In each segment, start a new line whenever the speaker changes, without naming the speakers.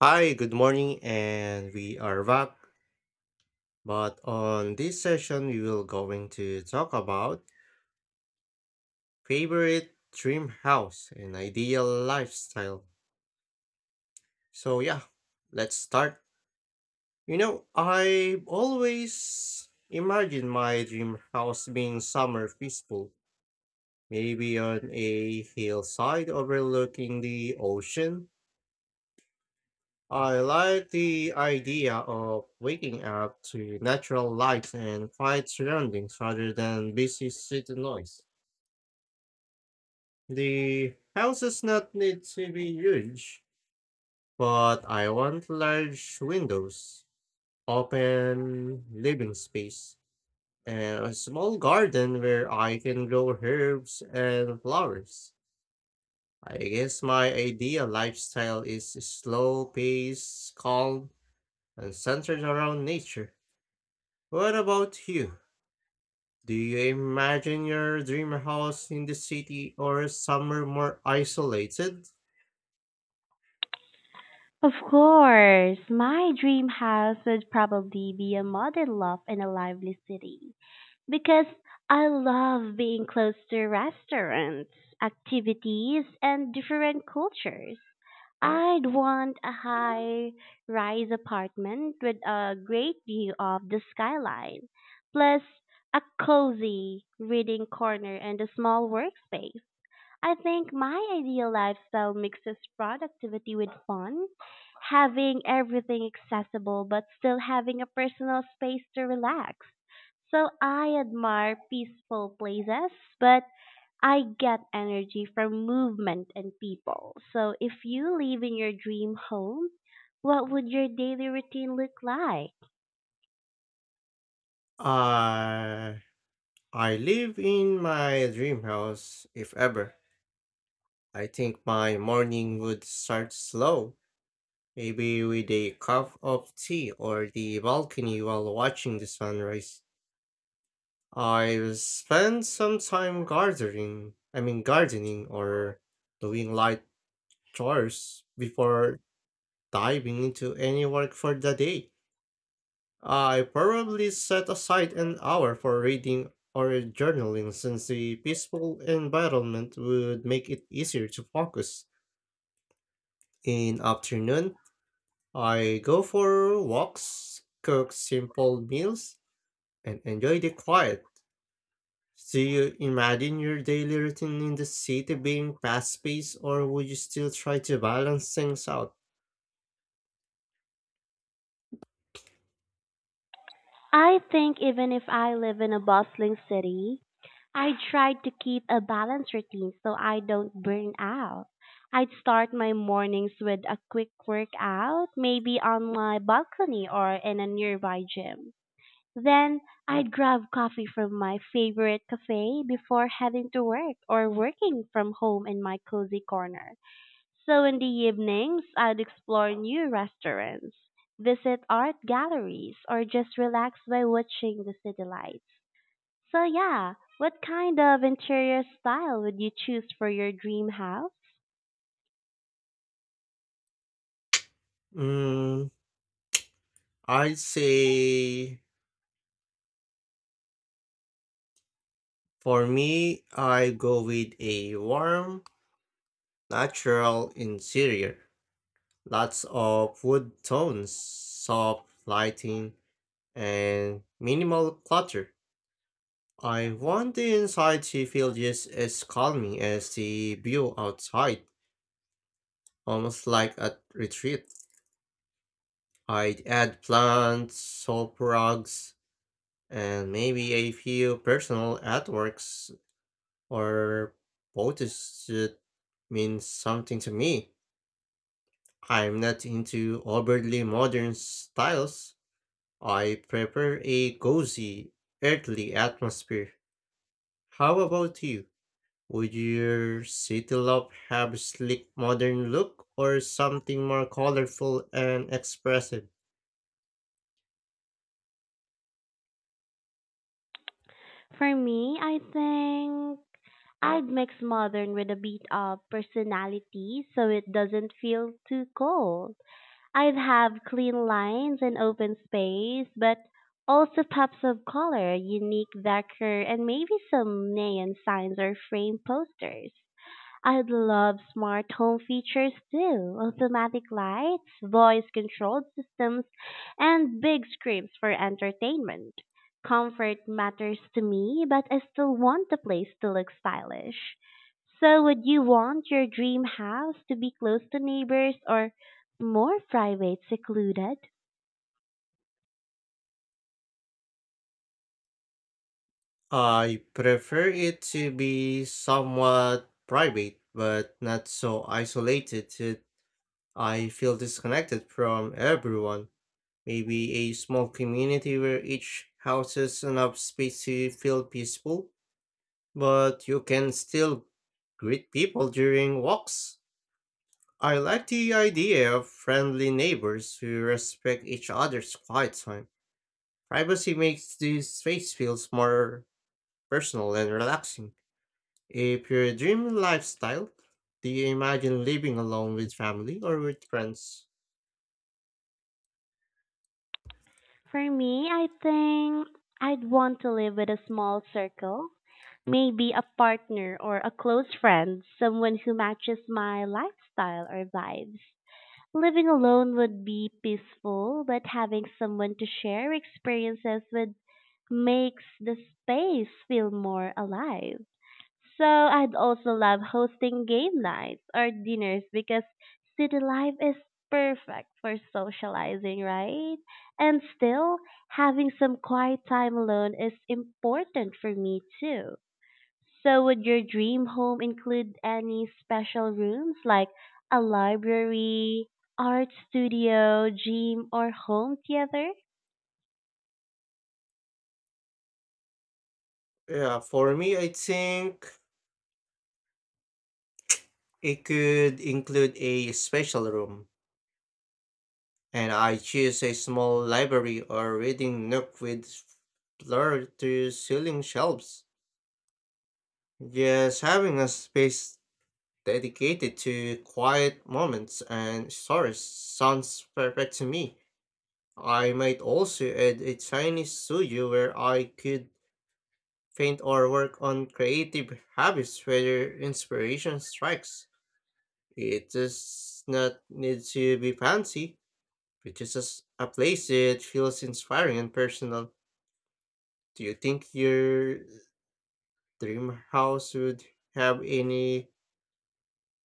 Hi, good morning, and we are back. But on this session, we will going to talk about favorite dream house and ideal lifestyle. So yeah, let's start. You know, I always imagine my dream house being somewhere peaceful, maybe on a hillside overlooking the ocean. I like the idea of waking up to natural light and quiet surroundings rather than busy city noise. The houses not need to be huge, but I want large windows, open living space, and a small garden where I can grow herbs and flowers. I guess my ideal lifestyle is slow paced, calm, and centered around nature. What about you? Do you imagine your dream house in the city or somewhere more isolated?
Of course, my dream house would probably be a modern loft in a lively city because I love being close to restaurants, activities, and different cultures. I'd want a high rise apartment with a great view of the skyline, plus a cozy reading corner and a small workspace. I think my ideal lifestyle mixes productivity with fun, having everything accessible but still having a personal space to relax. So I admire peaceful places, but I get energy from movement and people. So if you live in your dream home, what would your daily routine look like?
Uh, I live in my dream house, if ever. I think my morning would start slow, maybe with a cup of tea or the balcony while watching the sunrise. I will spend some time gardening, I mean gardening or doing light chores before diving into any work for the day. I probably set aside an hour for reading or journaling since the peaceful environment would make it easier to focus. In afternoon, I go for walks, cook simple meals, and enjoy the quiet. Do you imagine your daily routine in the city being fast paced, or would you still try to balance things out?
I think even if I live in a bustling city, I tried to keep a balanced routine so I don't burn out. I'd start my mornings with a quick workout, maybe on my balcony or in a nearby gym. Then I'd grab coffee from my favorite cafe before heading to work or working from home in my cozy corner. So in the evenings, I'd explore new restaurants, visit art galleries, or just relax by watching the city lights. So yeah, what kind of interior style would you choose for your dream house?
Mm, I'd say, for me, I go with a warm, natural interior, lots of wood tones, soft lighting, and minimal clutter. I want the inside to feel just as calming as the view outside, almost like a retreat. I'd add plants, soap rugs, and maybe a few personal artworks or photos that mean something to me. I'm not into overtly modern styles. I prefer a cozy, earthly atmosphere. How about you? Would your city love have a sleek modern look or something more colorful and expressive?
For me, I think I'd mix modern with a bit of personality so it doesn't feel too cold. I'd have clean lines and open space, but also pops of color, unique decor, and maybe some neon signs or frame posters. I'd love smart home features too, automatic lights, voice controlled systems and big screens for entertainment. Comfort matters to me, but I still want the place to look stylish. So, would you want your dream house to be close to neighbors or more private, secluded?
I prefer it to be somewhat private, but not so isolated that I feel disconnected from everyone. Maybe a small community where each houses enough space to feel peaceful, but you can still greet people during walks. I like the idea of friendly neighbors who respect each other's quiet time. Privacy makes the space feels more personal and relaxing. If your dream lifestyle, do you imagine living alone with family or with friends?
For me, I think I'd want to live with a small circle, maybe a partner or a close friend, someone who matches my lifestyle or vibes. Living alone would be peaceful, but having someone to share experiences with makes the space feel more alive. So I'd also love hosting game nights or dinners because city life is perfect for socializing, right? And still, having some quiet time alone is important for me too. So would your dream home include any special rooms like a library, art studio, gym, or home theater?
Yeah, for me, I think it could include a special room, and I choose a small library or reading nook with floor to ceiling shelves. Just having a space dedicated to quiet moments and stories sounds perfect to me. I might also add a tiny studio where I could paint or work on creative habits where inspiration strikes. It does not need to be fancy reaches a place it feels inspiring and personal. Do you think your dream house would have any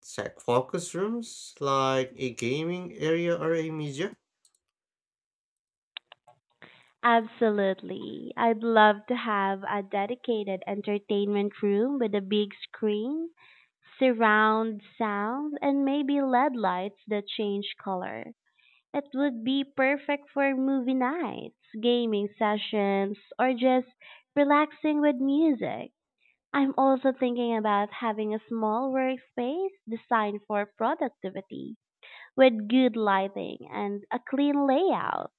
tech focus rooms like a gaming area or a media?
Absolutely. I'd love to have a dedicated entertainment room with a big screen, surround sound, and maybe LED lights that change color. It would be perfect for movie nights, gaming sessions, or just relaxing with music. I'm also thinking about having a small workspace designed for productivity with good lighting and a clean layout.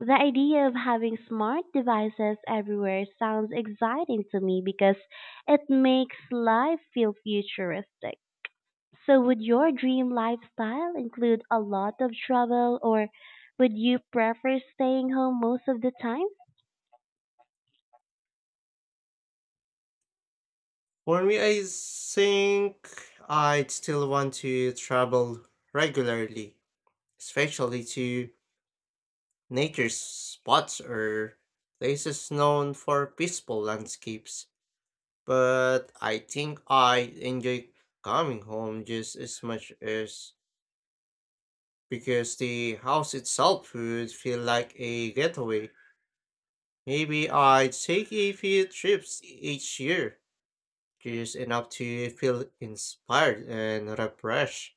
The idea of having smart devices everywhere sounds exciting to me because it makes life feel futuristic. So, would your dream lifestyle include a lot of travel, or would you prefer staying home most of the time?
For me, I think I'd still want to travel regularly, especially to nature spots or places known for peaceful landscapes. But I think I enjoy coming home just as much as because the house itself would feel like a getaway. Maybe I'd take a few trips each year, just enough to feel inspired and refreshed.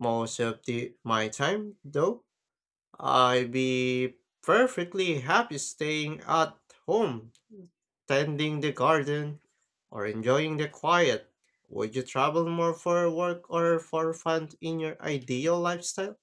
Most of the my time, though, I'd be perfectly happy staying at home tending the garden, or enjoying the quiet? Would you travel more for work or for fun in your ideal lifestyle?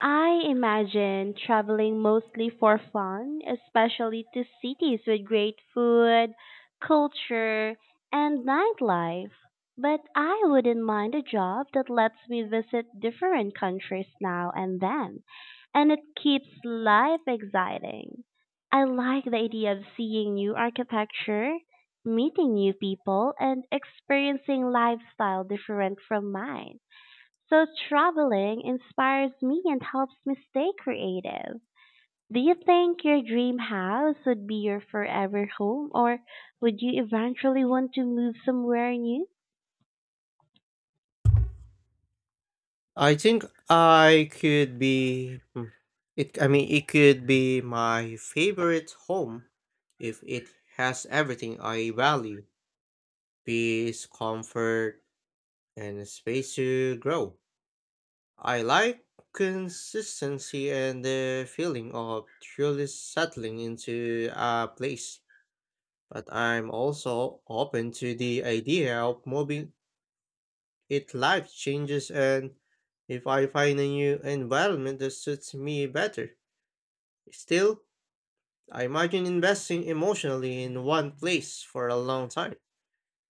I imagine traveling mostly for fun, especially to cities with great food, culture, and nightlife. But I wouldn't mind a job that lets me visit different countries now and then, and it keeps life exciting. I like the idea of seeing new architecture, meeting new people, and experiencing lifestyle different from mine. So traveling inspires me and helps me stay creative. Do you think your dream house would be your forever home or would you eventually want to move somewhere new?
I think I could be it I mean it could be my favorite home if it has everything I value, peace, comfort, and space to grow. I like consistency and the feeling of truly settling into a place. But I'm also open to the idea of moving. It life changes and if I find a new environment that suits me better. Still, I imagine investing emotionally in one place for a long time.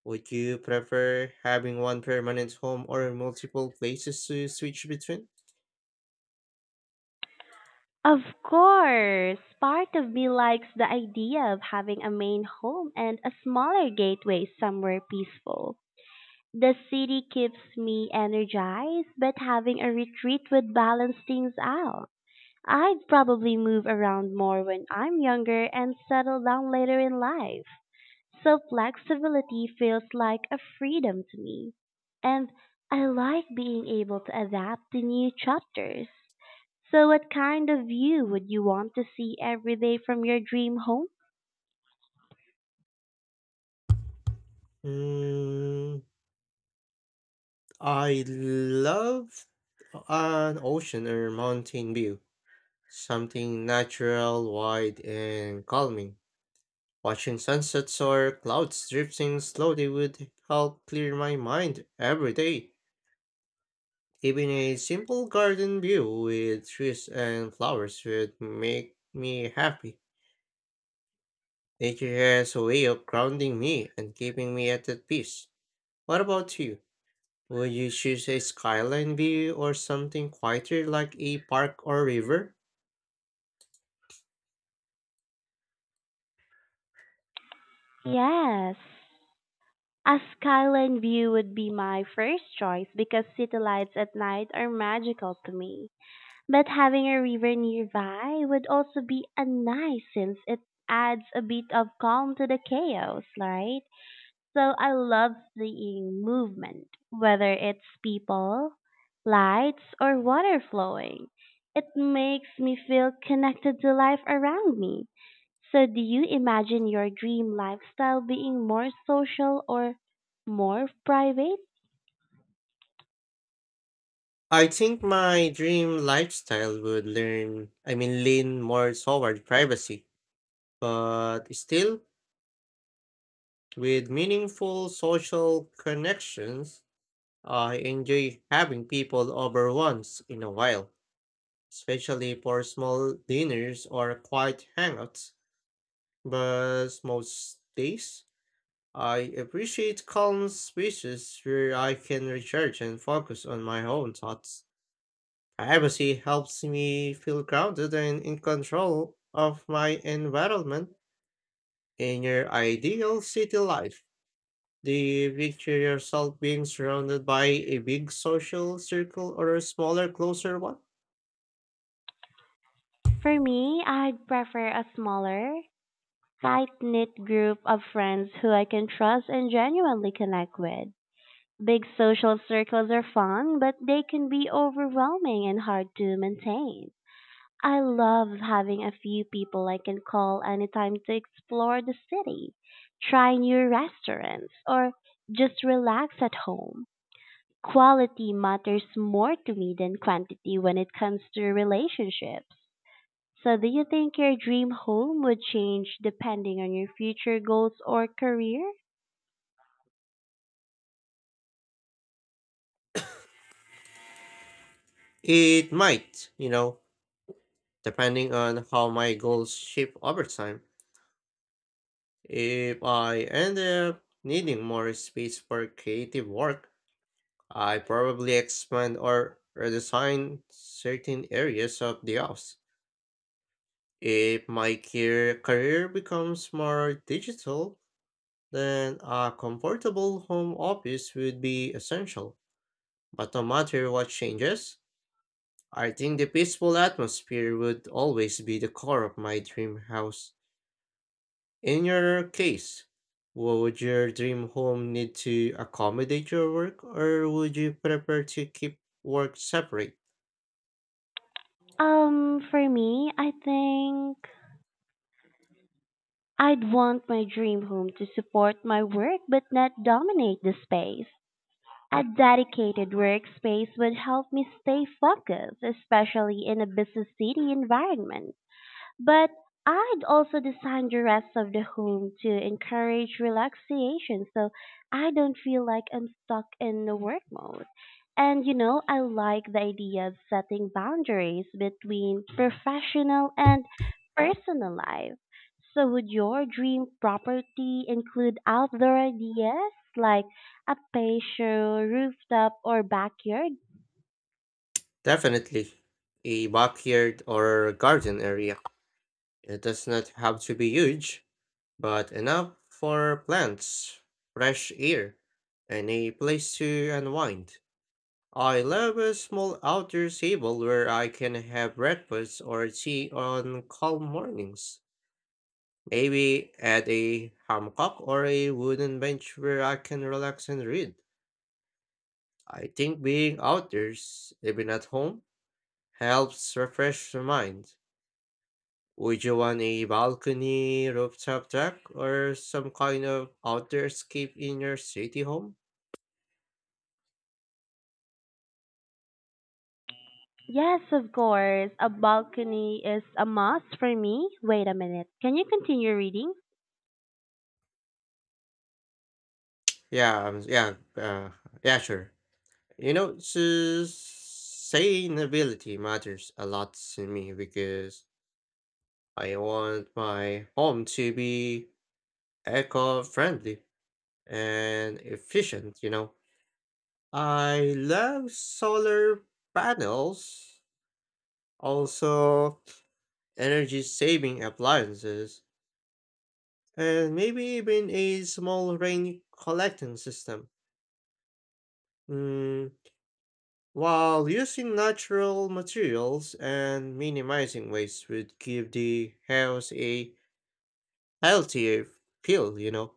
Would you prefer having one permanent home or multiple places to switch between?
Of course, part of me likes the idea of having a main home and a smaller gateway somewhere peaceful. The city keeps me energized, but having a retreat would balance things out. I'd probably move around more when I'm younger and settle down later in life. So flexibility feels like a freedom to me. And I like being able to adapt to new chapters. So what kind of view would you want to see every day from your dream home?
Mm, I love an ocean or mountain view, something natural, wide, and calming. Watching sunsets or clouds drifting slowly would help clear my mind every day. Even a simple garden view with trees and flowers would make me happy. Nature has a way of grounding me and keeping me at that peace. What about you? Would you choose a skyline view or something quieter like a park or river?
Yes. A skyline view would be my first choice because city lights at night are magical to me. But having a river nearby would also be a nice since it adds a bit of calm to the chaos, right? So I love seeing movement, whether it's people, lights, or water flowing. It makes me feel connected to life around me. So do you imagine your dream lifestyle being more social or more private?
I think my dream lifestyle would lean more toward privacy, but still with meaningful social connections. I enjoy having people over once in a while, especially for small dinners or quiet hangouts. But most days, I appreciate calm spaces where I can recharge and focus on my own thoughts. Privacy helps me feel grounded and in control of my environment. In your ideal city life, the picture yourself being surrounded by a big social circle or a smaller, closer one?
For me, I'd prefer a smaller, tight knit group of friends who I can trust and genuinely connect with. Big social circles are fun, but they can be overwhelming and hard to maintain. I love having a few people I can call anytime to explore the city, try new restaurants, or just relax at home. Quality matters more to me than quantity when it comes to relationships. So, do you think your dream home would change depending on your future goals or career?
It might, you know, depending on how my goals shift over time. If I end up needing more space for creative work, I probably expand or redesign certain areas of the house. If my career becomes more digital, then a comfortable home office would be essential. But no matter what changes, I think the peaceful atmosphere would always be the core of my dream house. In your case, would your dream home need to accommodate your work or would you prefer to keep work separate?
For me, I think I'd want my dream home to support my work but not dominate the space. A dedicated workspace would help me stay focused, especially in a busy city environment. But I'd also design the rest of the home to encourage relaxation so I don't feel like I'm stuck in the work mode. And you know, I like the idea of setting boundaries between professional and personal life. So would your dream property include outdoor ideas like a patio, rooftop, or backyard?
Definitely a backyard or garden area. It does not have to be huge, but enough for plants, fresh air, and a place to unwind. I love a small outdoor table where I can have breakfast or tea on calm mornings. Maybe add a hammock or a wooden bench where I can relax and read. I think being outdoors, even at home, helps refresh the mind. Would you want a balcony, rooftop deck, or some kind of outdoor escape in your city home?
Yes, of course. A balcony is a must for me. Wait a minute. Can you continue reading?
Yeah, yeah, yeah, sure. You know, sustainability matters a lot to me because I want my home to be eco-friendly and efficient, you know. I love solar panels, also energy-saving appliances, and maybe even a small rain collecting system. Hmm, While using natural materials and minimizing waste would give the house a healthier feel, you know.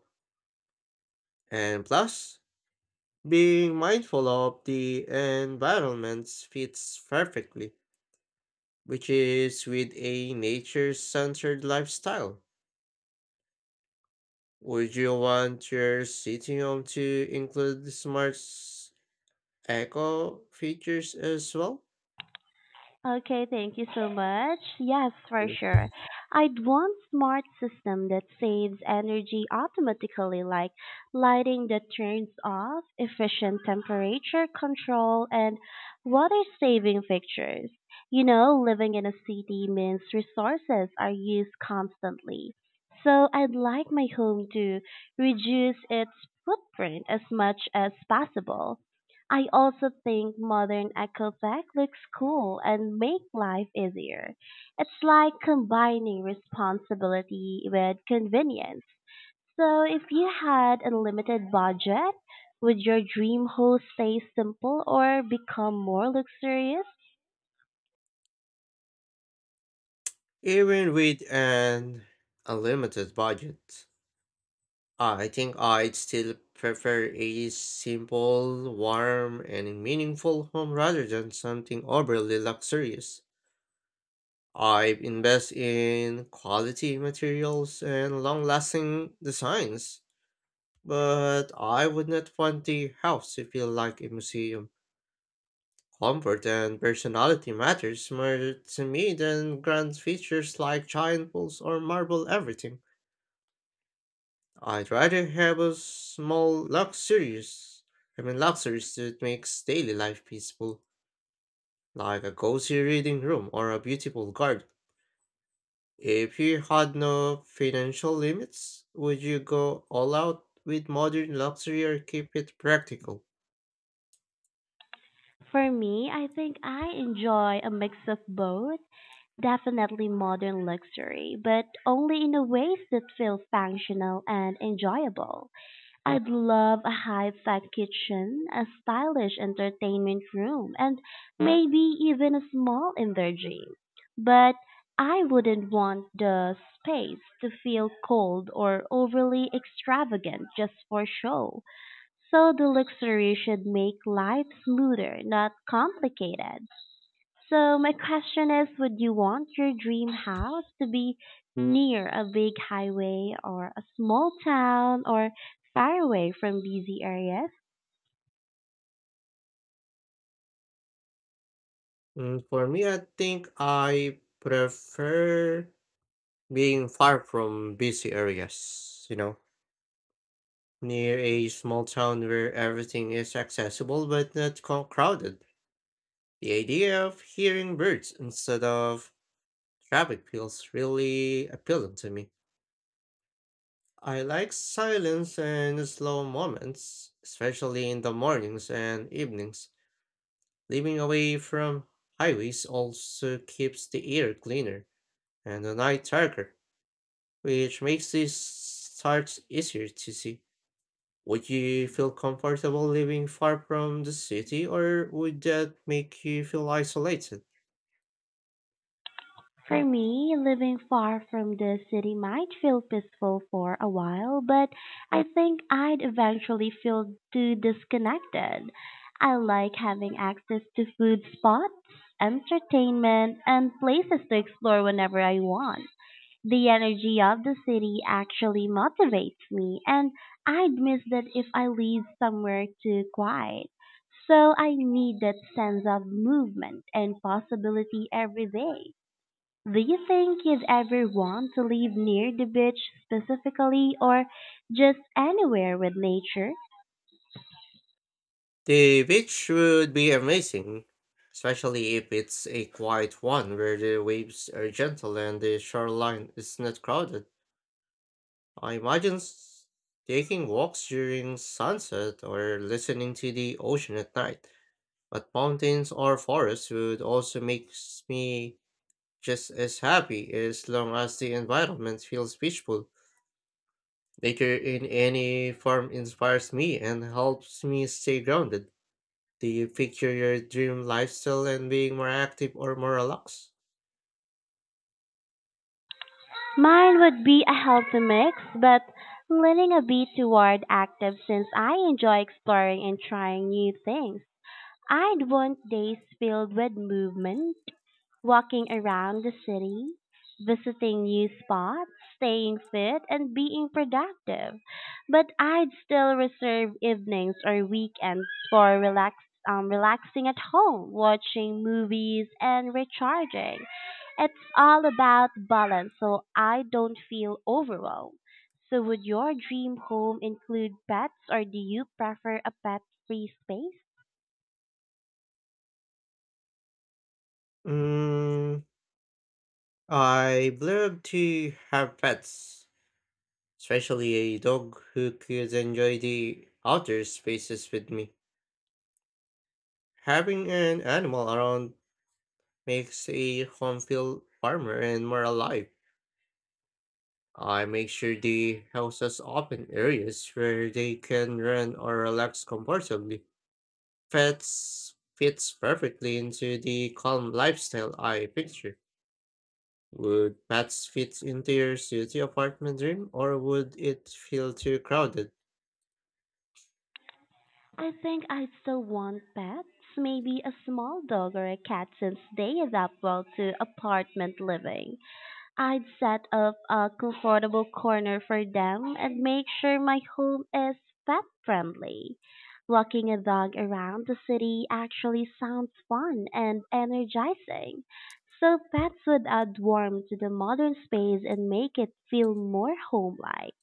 And plus, being mindful of the environment fits perfectly, which is with a nature-centered lifestyle. Would you want your sitting room to include smart eco features as well?
Okay, thank you so much. Yes, for
Mm.
sure. I'd want smart system that saves energy automatically like lighting that turns off, efficient temperature control and water saving fixtures. You know, living in a city means resources are used constantly. So I'd like my home to reduce its footprint as much as possible. I also think modern eco tech looks cool and make life easier. It's like combining responsibility with convenience. So if you had unlimited budget, would your dream home stay simple or become more luxurious?
Even with an unlimited budget. I think I'd still prefer a simple, warm, and meaningful home rather than something overly luxurious. I invest in quality materials and long lasting designs, but I would not want the house to feel like a museum. Comfort and personality matters more to me than grand features like giant pools or marble everything. I'd rather have a small luxurious, I mean luxuries that makes daily life peaceful, like a cozy reading room or a beautiful garden. If you had no financial limits, would you go all out with modern luxury or keep it practical?
For me, I think I enjoy a mix of both. Definitely modern luxury, but only in a ways that feel functional and enjoyable. I'd love a high-tech kitchen, a stylish entertainment room, and maybe even a small energy. But I wouldn't want the space to feel cold or overly extravagant just for show. So the luxury should make life smoother, not complicated. So my question is, would you want your dream house to be near a big highway or a small town or far away from busy areas?
For me, I think I prefer being far from busy areas, you know, near a small town where everything is accessible but not crowded. The idea of hearing birds instead of traffic feels really appealing to me. I like silence and slow moments, especially in the mornings and evenings. Living away from highways also keeps the air cleaner and the night darker, which makes these sights easier to see. Would you feel comfortable living far from the city, or would that make you feel isolated?
For me, living far from the city might feel peaceful for a while, but I think I'd eventually feel too disconnected. I like having access to food spots, entertainment, and places to explore whenever I want. The energy of the city actually motivates me, and I'd miss that if I lived somewhere too quiet. So I need that sense of movement and possibility every day. Do you think you'd ever want to live near the beach specifically or just anywhere with nature?
The beach would be amazing, especially if it's a quiet one where the waves are gentle and the shoreline is not crowded. I imagine taking walks during sunset or listening to the ocean at night. But mountains or forests would also make me just as happy as long as the environment feels peaceful. Nature in any form inspires me and helps me stay grounded. Do you picture your dream lifestyle and being more active or more relaxed?
Mine would be a healthy mix, but leaning a bit toward active since I enjoy exploring and trying new things. I'd want days filled with movement, walking around the city, visiting new spots, staying fit, and being productive. But I'd still reserve evenings or weekends for relaxing at home, watching movies, and recharging. It's all about balance, so I don't feel overwhelmed. So, would your dream home include pets, or do you prefer a pet free space?
Mm, I would love to have pets, especially a dog who could enjoy the outdoor spaces with me. Having an animal around makes a home feel warmer and more alive. I make sure the house has open areas where they can run or relax comfortably. Pets fits perfectly into the calm lifestyle I picture. Would pets fit into your city apartment dream or would it feel too crowded?
I think I'd still want pets, maybe a small dog or a cat since they adapt well to apartment living. I'd set up a comfortable corner for them and make sure my home is pet friendly. Walking a dog around the city actually sounds fun and energizing. So pets would add warmth to the modern space and make it feel more homelike.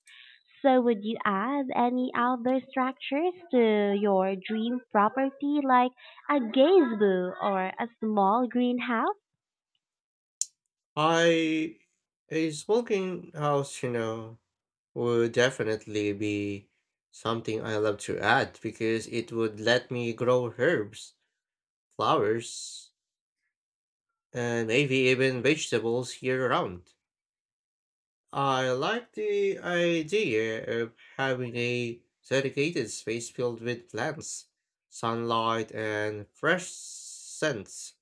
So would you add any outdoor structures to your dream property like a gazebo or a small greenhouse?
I a smoking house, you know, would definitely be something I love to add because it would let me grow herbs, flowers, and maybe even vegetables year round. I like the idea of having a dedicated space filled with plants, sunlight, and fresh scents.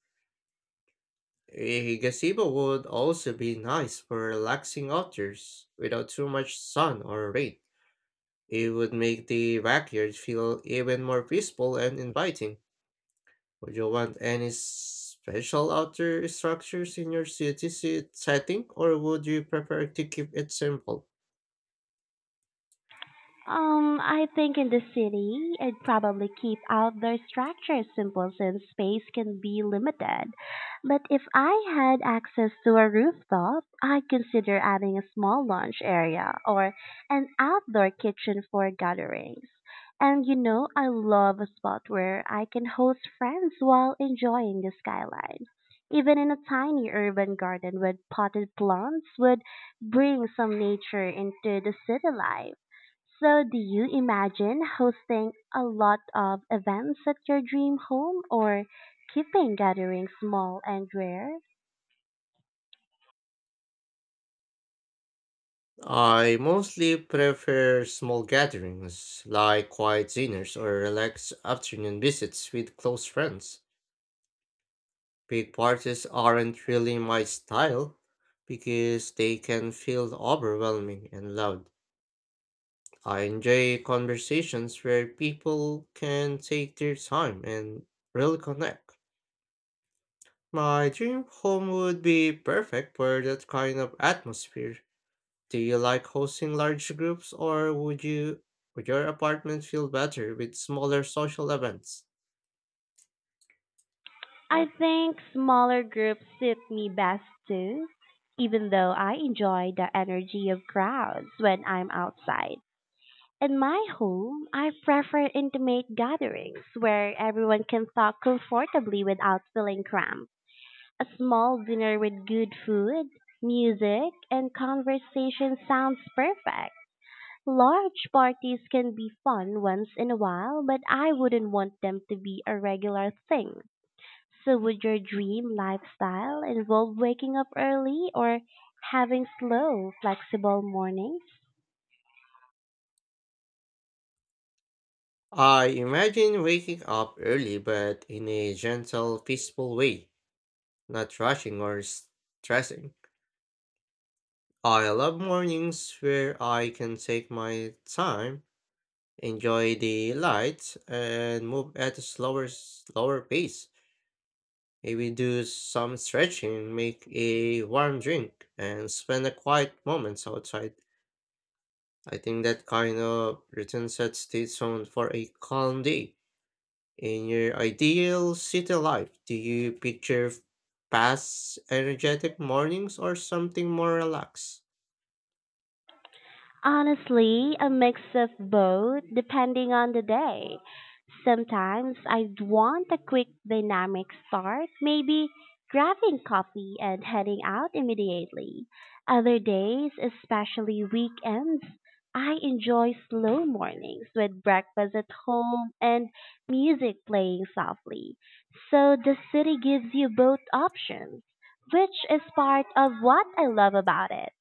A gazebo would also be nice for relaxing outdoors without too much sun or rain. It would make the backyard feel even more peaceful and inviting. Would you want any special outdoor structures in your city setting, or would you prefer to keep it simple?
I think in the city, I'd probably keep outdoor structures simple since space can be limited. But if I had access to a rooftop, I'd consider adding a small lounge area or an outdoor kitchen for gatherings. And you know, I love a spot where I can host friends while enjoying the skyline. Even in a tiny urban garden with potted plants would bring some nature into the city life. So do you imagine hosting a lot of events at your dream home or keeping gatherings small and rare?
I mostly prefer small gatherings like quiet dinners or relaxed afternoon visits with close friends. Big parties aren't really my style because they can feel overwhelming and loud. I enjoy conversations where people can take their time and really connect. My dream home would be perfect for that kind of atmosphere. Do you like hosting large groups or would your apartment feel better with smaller social events?
I think smaller groups suit me best too, even though I enjoy the energy of crowds when I'm outside. In my home, I prefer intimate gatherings where everyone can talk comfortably without feeling cramped. A small dinner with good food, music, and conversation sounds perfect. Large parties can be fun once in a while, but I wouldn't want them to be a regular thing. So would your dream lifestyle involve waking up early or having slow, flexible mornings?
I imagine waking up early but in a gentle, peaceful way, not rushing or stressing. I love mornings where I can take my time, enjoy the light, and move at a slower pace. Maybe do some stretching, make a warm drink, and spend a quiet moments outside. I think that kind of routine sets the tone for a calm day. In your ideal city life, do you picture fast, energetic mornings or something more relaxed?
Honestly, a mix of both, depending on the day. Sometimes I want a quick dynamic start, maybe grabbing coffee and heading out immediately. Other days, especially weekends, I enjoy slow mornings with breakfast at home and music playing softly. So the city gives you both options, which is part of what I love about it.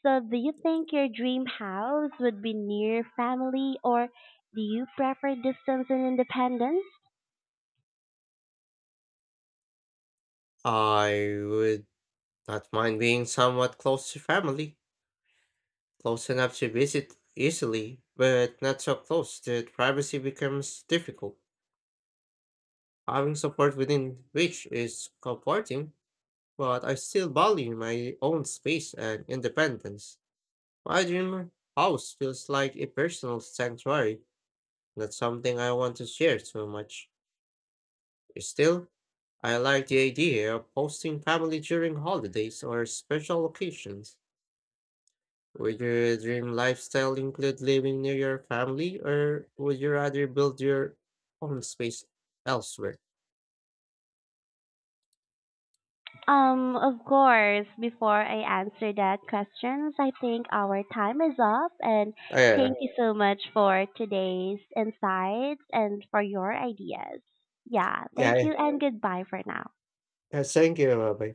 So, do you think your dream house would be near family or do you prefer distance and independence?
I would not mind being somewhat close to family, close enough to visit easily, but not so close that privacy becomes difficult. Having support within reach is comforting, but I still value my own space and independence. My dream house feels like a personal sanctuary, not something I want to share too much. Still, I like the idea of hosting family during holidays or special occasions. Would your dream lifestyle include living near your family, or would you rather build your own space elsewhere?
Of course, before I answer that questions, I think our time is up and
Yeah,
thank you so much for today's insights and for your ideas. Yeah, thank
yeah.
you and goodbye for now.
Thank you. Bye.